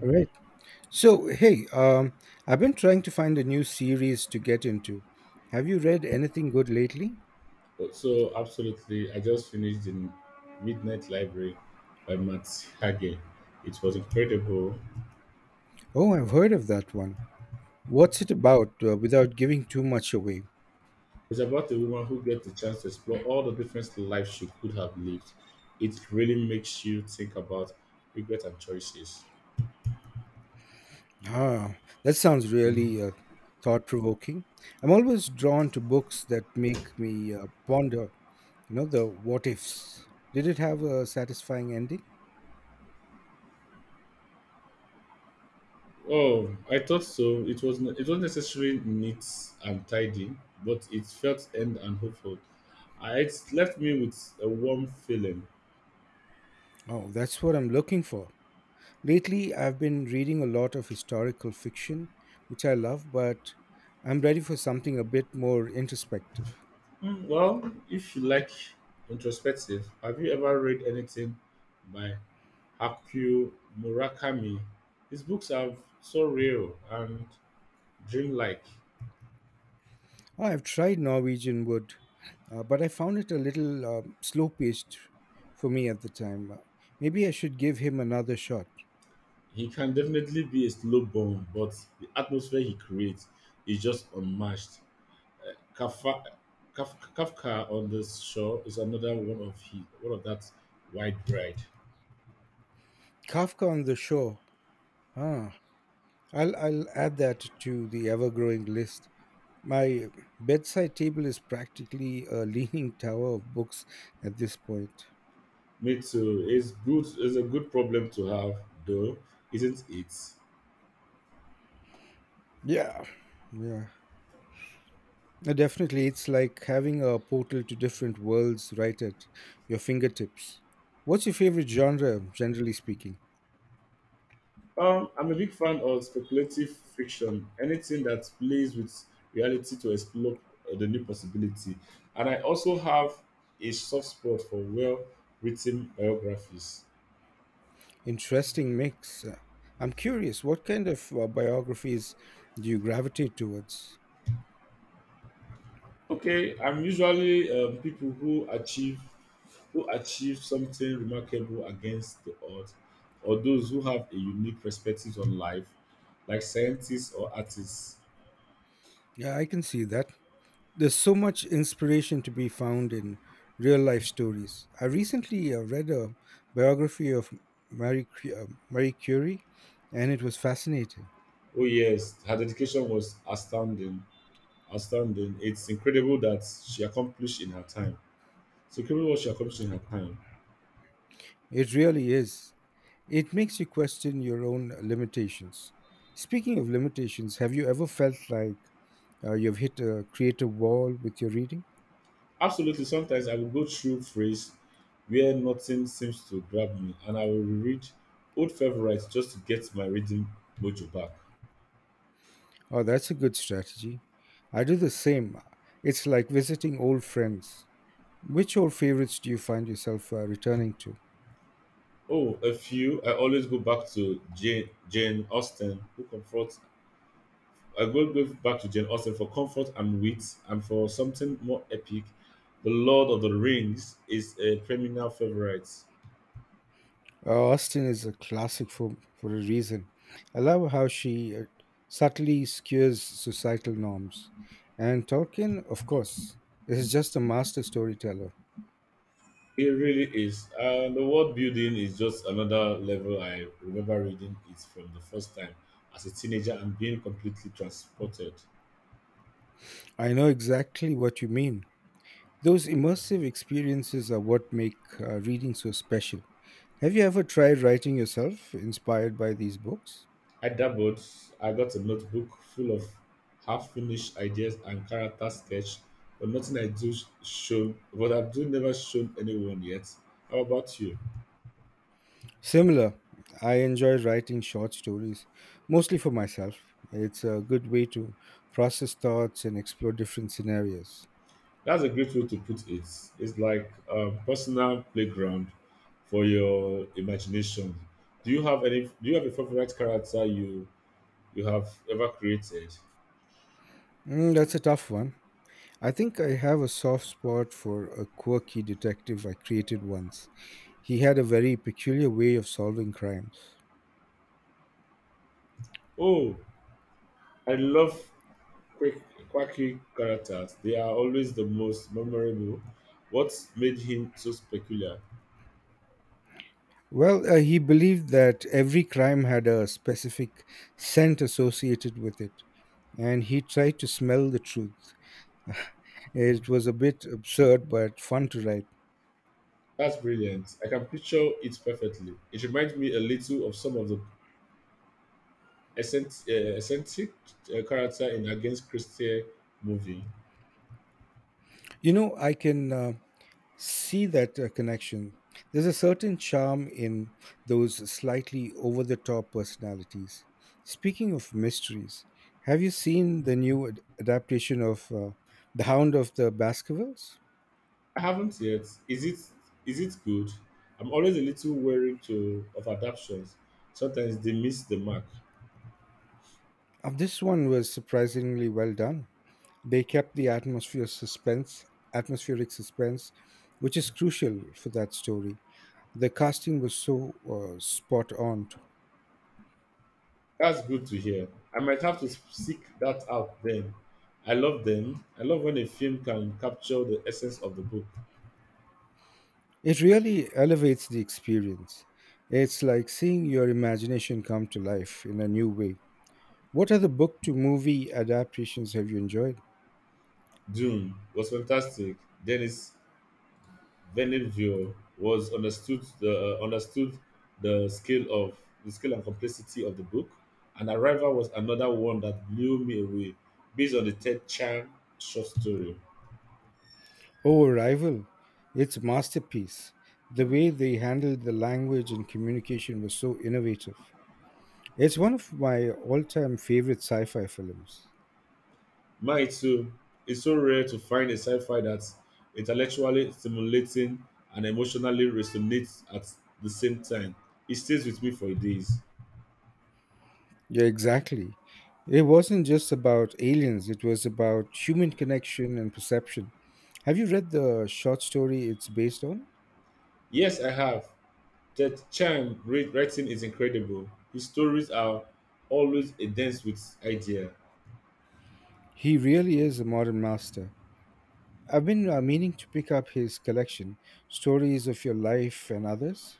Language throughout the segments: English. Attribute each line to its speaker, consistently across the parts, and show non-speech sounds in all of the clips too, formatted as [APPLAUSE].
Speaker 1: Right. So, hey, I've been trying to find a new series to get into. Have you read anything good lately?
Speaker 2: So absolutely, I just finished the Midnight Library by Matt Hage. It was incredible.
Speaker 1: Oh, I've heard of that one. What's it about, without giving too much away?
Speaker 2: It's about a woman who gets the chance to explore all the different lives she could have lived. It really makes you think about regret and choices.
Speaker 1: Ah, that sounds really, thought provoking. I'm always drawn to books that make me, ponder, you know, the what ifs. Did it have a satisfying ending?
Speaker 2: Oh, I thought so. It was necessarily neat and tidy, but it felt end and hopeful. It left me with a warm feeling.
Speaker 1: Oh, that's what I'm looking for. Lately, I've been reading a lot of historical fiction, which I love, but I'm ready for something a bit more introspective.
Speaker 2: Mm, well, if you like introspective, have you ever read anything by Haku Murakami? His books are so real and dreamlike.
Speaker 1: I've tried Norwegian Wood, but I found it a little slow paced for me at the time. Maybe I should give him another shot.
Speaker 2: He can definitely be a slow burn, but the atmosphere he creates is just unmatched. Kafka, Kafka on the shore is another one of he one of that wide ride.
Speaker 1: Kafka on the Shore. Ah, I'll add that to the ever growing list. My bedside table is practically a [LAUGHS] leaning tower of books at this point.
Speaker 2: Me too. It's good. It's a good problem to have, though, isn't it?
Speaker 1: Yeah, yeah. Definitely, it's like having a portal to different worlds right at your fingertips. What's your favorite genre, generally speaking?
Speaker 2: I'm a big fan of speculative fiction, anything that plays with reality to explore the new possibility. And I also have a soft spot for well written biographies.
Speaker 1: Interesting mix. I'm curious, what kind of biographies do you gravitate towards?
Speaker 2: Okay, I'm usually people who achieve something remarkable against the odds, or those who have a unique perspective on life, like scientists or artists.
Speaker 1: Yeah, I can see that. There's so much inspiration to be found in real life stories. I recently read a biography of Marie Curie, and it was fascinating.
Speaker 2: Oh yes, her dedication was astounding. Outstanding. It's incredible that she accomplished in her time. It's incredible what she accomplished in her time.
Speaker 1: It really is. It makes you question your own limitations. Speaking of limitations, have you ever felt like, you've hit a creative wall with your reading?
Speaker 2: Absolutely. Sometimes I will go through phrase where nothing seems to grab me, and I will reread old favorites just to get my reading mojo back.
Speaker 1: Oh, that's a good strategy. I do the same. It's like visiting old friends. Which old favorites do you find yourself, returning to?
Speaker 2: Oh, a few. I always go back to Jane, Jane Austen, who comforts. I go back to Jane Austen for comfort and wit, and for something more epic. The Lord of the Rings is a perennial favorite.
Speaker 1: Austen is a classic for a reason. I love how she, subtly skewers societal norms. And Tolkien, of course, is just a master storyteller.
Speaker 2: It really is. The world building is just another level. I remember reading it from the first time as a teenager and being completely transported.
Speaker 1: I know exactly what you mean. Those immersive experiences are what make reading so special. Have you ever tried writing yourself, inspired by these books?
Speaker 2: I dabbled. I got a notebook full of half-finished ideas and character sketch, but nothing I do sh- shown. But I've do never shown anyone yet. How about you?
Speaker 1: Similar, I enjoy writing short stories, mostly for myself. It's a good way to process thoughts and explore different scenarios.
Speaker 2: That's a great way to put it. It's like a personal playground for your imagination. Do you have any? Do you have a favorite character you have ever created?
Speaker 1: Mm, that's a tough one. I think I have a soft spot for a quirky detective I created once. He had a very peculiar way of solving crimes.
Speaker 2: Oh, I love quick, quirky characters. They are always the most memorable. What made him so peculiar?
Speaker 1: Well, he believed that every crime had a specific scent associated with it, and he tried to smell the truth. It was a bit absurd, but fun to write.
Speaker 2: That's brilliant. I can picture it perfectly. It reminds me a little of some of the eccentric character in Against Christie movie.
Speaker 1: You know, I can, see that, connection. There's a certain charm in those slightly over the top personalities. Speaking of mysteries, have you seen the new adaptation of The Hound of the Baskervilles?
Speaker 2: I haven't yet. Is it good? I'm always a little wary to of adaptations. Sometimes they miss the mark.
Speaker 1: This one was surprisingly well done. They kept the atmospheric suspense, which is crucial for that story. The casting was so, spot on.
Speaker 2: That's good to hear. I might have to seek that out then. I love them. I love when a film can capture the essence of the book.
Speaker 1: It really elevates the experience. It's like seeing your imagination come to life in a new way. What other book to movie adaptations have you enjoyed?
Speaker 2: Dune was fantastic. Denis Villeneuve was understood the understood the scale of the scale and complexity of the book. And Arrival was another one that blew me away, based on the Ted Chiang short story.
Speaker 1: Oh, Rival. It's a masterpiece. The way they handled the language and communication was so innovative. It's one of my all time favorite sci fi films.
Speaker 2: Mine too. It's so rare to find a sci-fi that's intellectually stimulating and emotionally resonates at the same time. It stays with me for days.
Speaker 1: Yeah, exactly. It wasn't just about aliens, it was about human connection and perception. Have you read the short story it's based on?
Speaker 2: Yes, I have. That charm read- writing is incredible. His stories are always a dance with idea.
Speaker 1: He really is a modern master. I've been, meaning to pick up his collection, Stories of Your Life and Others.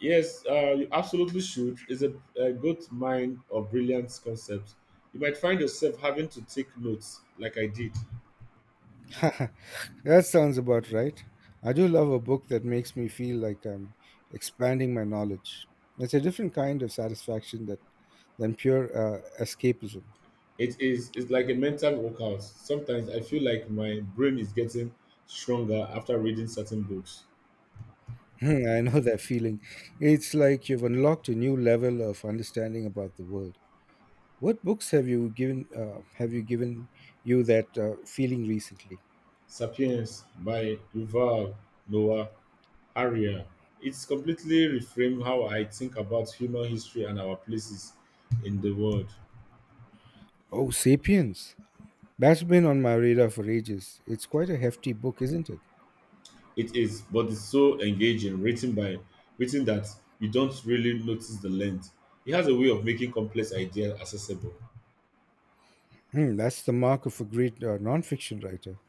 Speaker 2: Yes, you absolutely should. It's a good mind of brilliant concepts. You might find yourself having to take notes, like I did.
Speaker 1: [LAUGHS] That sounds about right. I do love a book that makes me feel like I'm expanding my knowledge. It's a different kind of than pure, escapism.
Speaker 2: It's like a mental workout. Sometimes I feel like my brain is getting stronger after reading certain books.
Speaker 1: [LAUGHS] I know that feeling. It's like you've unlocked a new level of understanding about the world. What books have you given you that, feeling recently?
Speaker 2: Sapiens by Yuval Noah Harari. It's completely reframed how I think about human history and our places in the world.
Speaker 1: Oh, Sapiens. That's been on my radar for ages. It's quite a hefty book, isn't it?
Speaker 2: It is, but it's so engaging, written that you don't really notice the length. It has a way of making complex ideas accessible.
Speaker 1: Hmm, that's the mark of a great, nonfiction writer.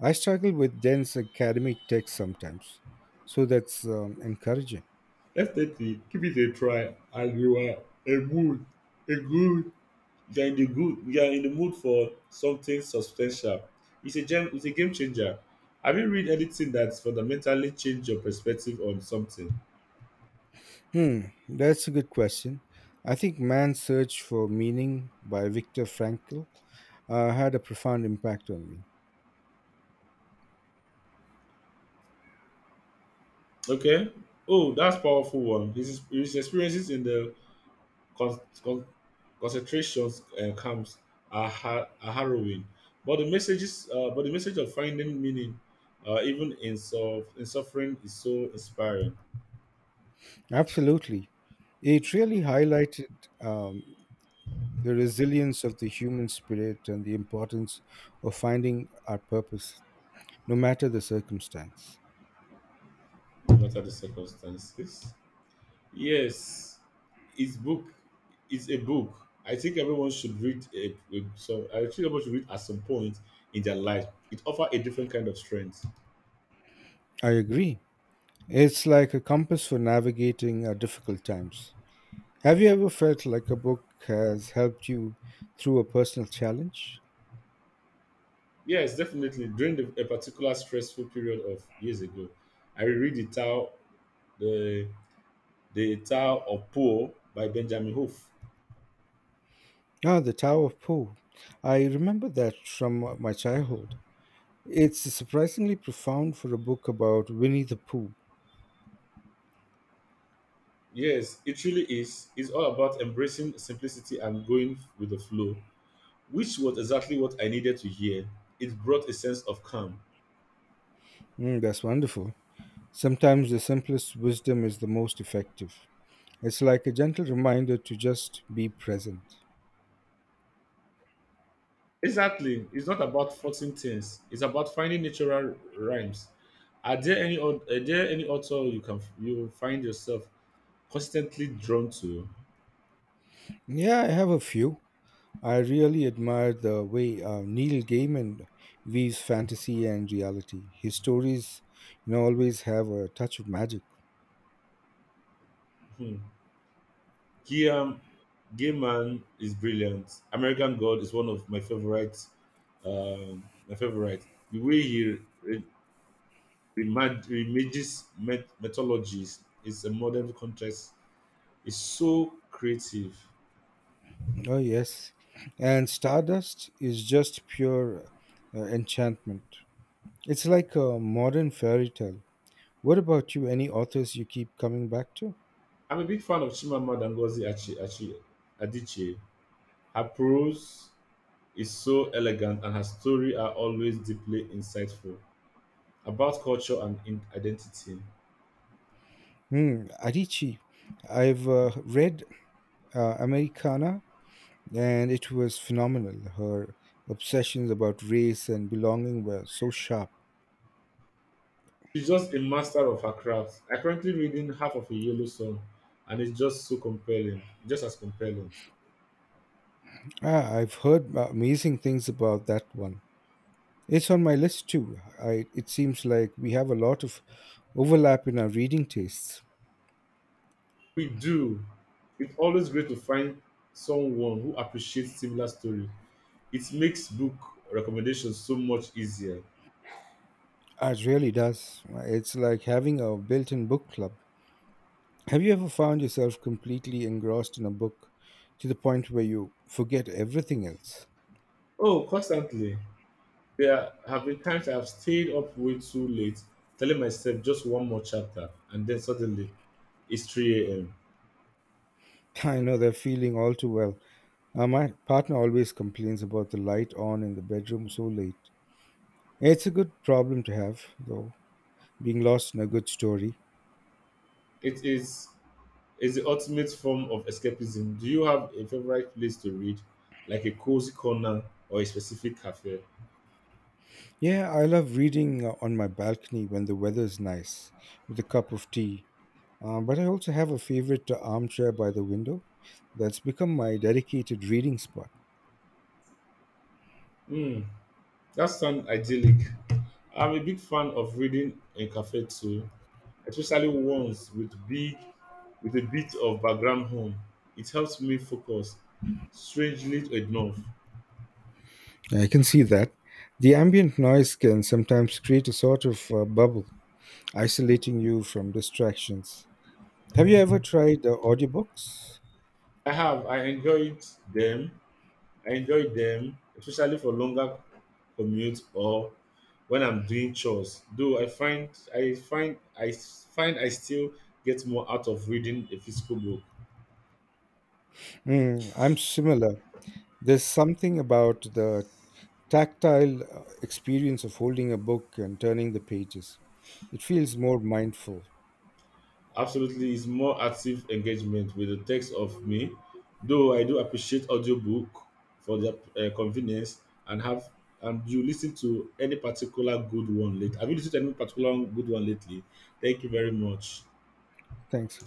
Speaker 1: I struggle with dense academic texts sometimes, so that's, encouraging.
Speaker 2: Definitely give it a try and you are a mood, a good You're in the good. You're in the mood for something substantial. It's a gem. It's a game changer. Have you read anything that's fundamentally changed your perspective on something?
Speaker 1: Hmm, that's a good question. I think Man's Search for Meaning by Viktor Frankl, had a profound impact on me.
Speaker 2: Okay. Oh, that's powerful one. His experiences in the con- con- concentration camps are harrowing, but the message of finding meaning, even in suffering, is so inspiring.
Speaker 1: Absolutely. It really highlighted, the resilience of the human spirit and the importance of finding our purpose, no matter the circumstance.
Speaker 2: Not at the circumstances. Yes, it's book. It's a book. I think everyone should read a some. I think everyone should read at some point in their life. It offers a different kind of strength.
Speaker 1: I agree. It's like a compass for navigating our difficult times. Have you ever felt like a book has helped you through a personal challenge?
Speaker 2: Yes, definitely. During a particular stressful period of years ago, I read the the Tao of Poor by Benjamin Hoof.
Speaker 1: Ah, the Tower of Poe. I remember that from, my childhood. It's surprisingly profound for a book about Winnie the Pooh.
Speaker 2: Yes, it really is. It's all about embracing simplicity and going with the flow, which was exactly what I needed to hear. It brought a sense of calm.
Speaker 1: Mm, that's wonderful. Sometimes the simplest wisdom is the most effective. It's like a gentle reminder to just be present.
Speaker 2: Exactly. It's not about forcing things. It's about finding natural rhymes. Are there any author you can you find yourself constantly drawn to?
Speaker 1: Yeah, I have a few. I really admire the way, Neil Gaiman weaves fantasy and reality. His stories, you know, always have a touch of magic.
Speaker 2: Hmm. Guillaume Gaiman is brilliant. American God is one of my favorite. My favorite. The way he remages mythologies is a modern context is so creative.
Speaker 1: Oh, yes. And Stardust is just pure, enchantment. It's like a modern fairy tale. What about you? Any authors you keep coming back to?
Speaker 2: I'm a big fan of Chimamanda Ngozi Adichie. Her prose is so elegant and her stories are always deeply insightful about culture and identity.
Speaker 1: Hmm, Adichie. I've, read, Americana and it was phenomenal. Her obsessions about race and belonging were so sharp.
Speaker 2: She's just a master of her craft. I am currently reading half of a yellow sun and it's just as compelling.
Speaker 1: Ah, I've heard, amazing things about that one. It's on my list too. I, it seems like we have a lot of overlap in our reading tastes.
Speaker 2: We do. It's always great to find someone who appreciates similar story. It makes book recommendations so much easier.
Speaker 1: It really does. It's like having a built in book club. Have you ever found yourself completely engrossed in a book to the point where you forget everything else?
Speaker 2: Oh, constantly. There have been times I've stayed up way too late, telling myself just one more chapter, and then suddenly it's 3 a.m.
Speaker 1: [LAUGHS] I know that feeling all too well. My partner always complains about the light on in the bedroom so late. It's a good problem to have, though, being lost in a good story.
Speaker 2: It is the ultimate form of escapism. Do you have a favorite place to read, like a cozy corner or a specific cafe?
Speaker 1: Yeah, I love reading, on my balcony when the weather is nice, with a cup of tea. But I also have a favorite, armchair by the window that's become my dedicated reading spot.
Speaker 2: Hmm, that sounds idyllic. I'm a big fan of reading in cafe too, especially ones with big with a bit of background home. It helps me focus, strangely enough.
Speaker 1: I can see that. The ambient noise can sometimes create a sort of, bubble, isolating you from distractions. Have you ever tried the audiobooks?
Speaker 2: I have. Them. I enjoyed them, especially for longer commute or when I'm doing chores. Though I find I still get more out of reading a physical book.
Speaker 1: Mm, I'm similar. There's something about the tactile, experience of holding a book and turning the pages. It feels more mindful.
Speaker 2: Absolutely, it's more active engagement with the text of me. Though I do appreciate audiobook for the convenience and have and you listen to any particular good one late. Have you listened to any particular good one lately? Thank you very much.
Speaker 1: Thanks.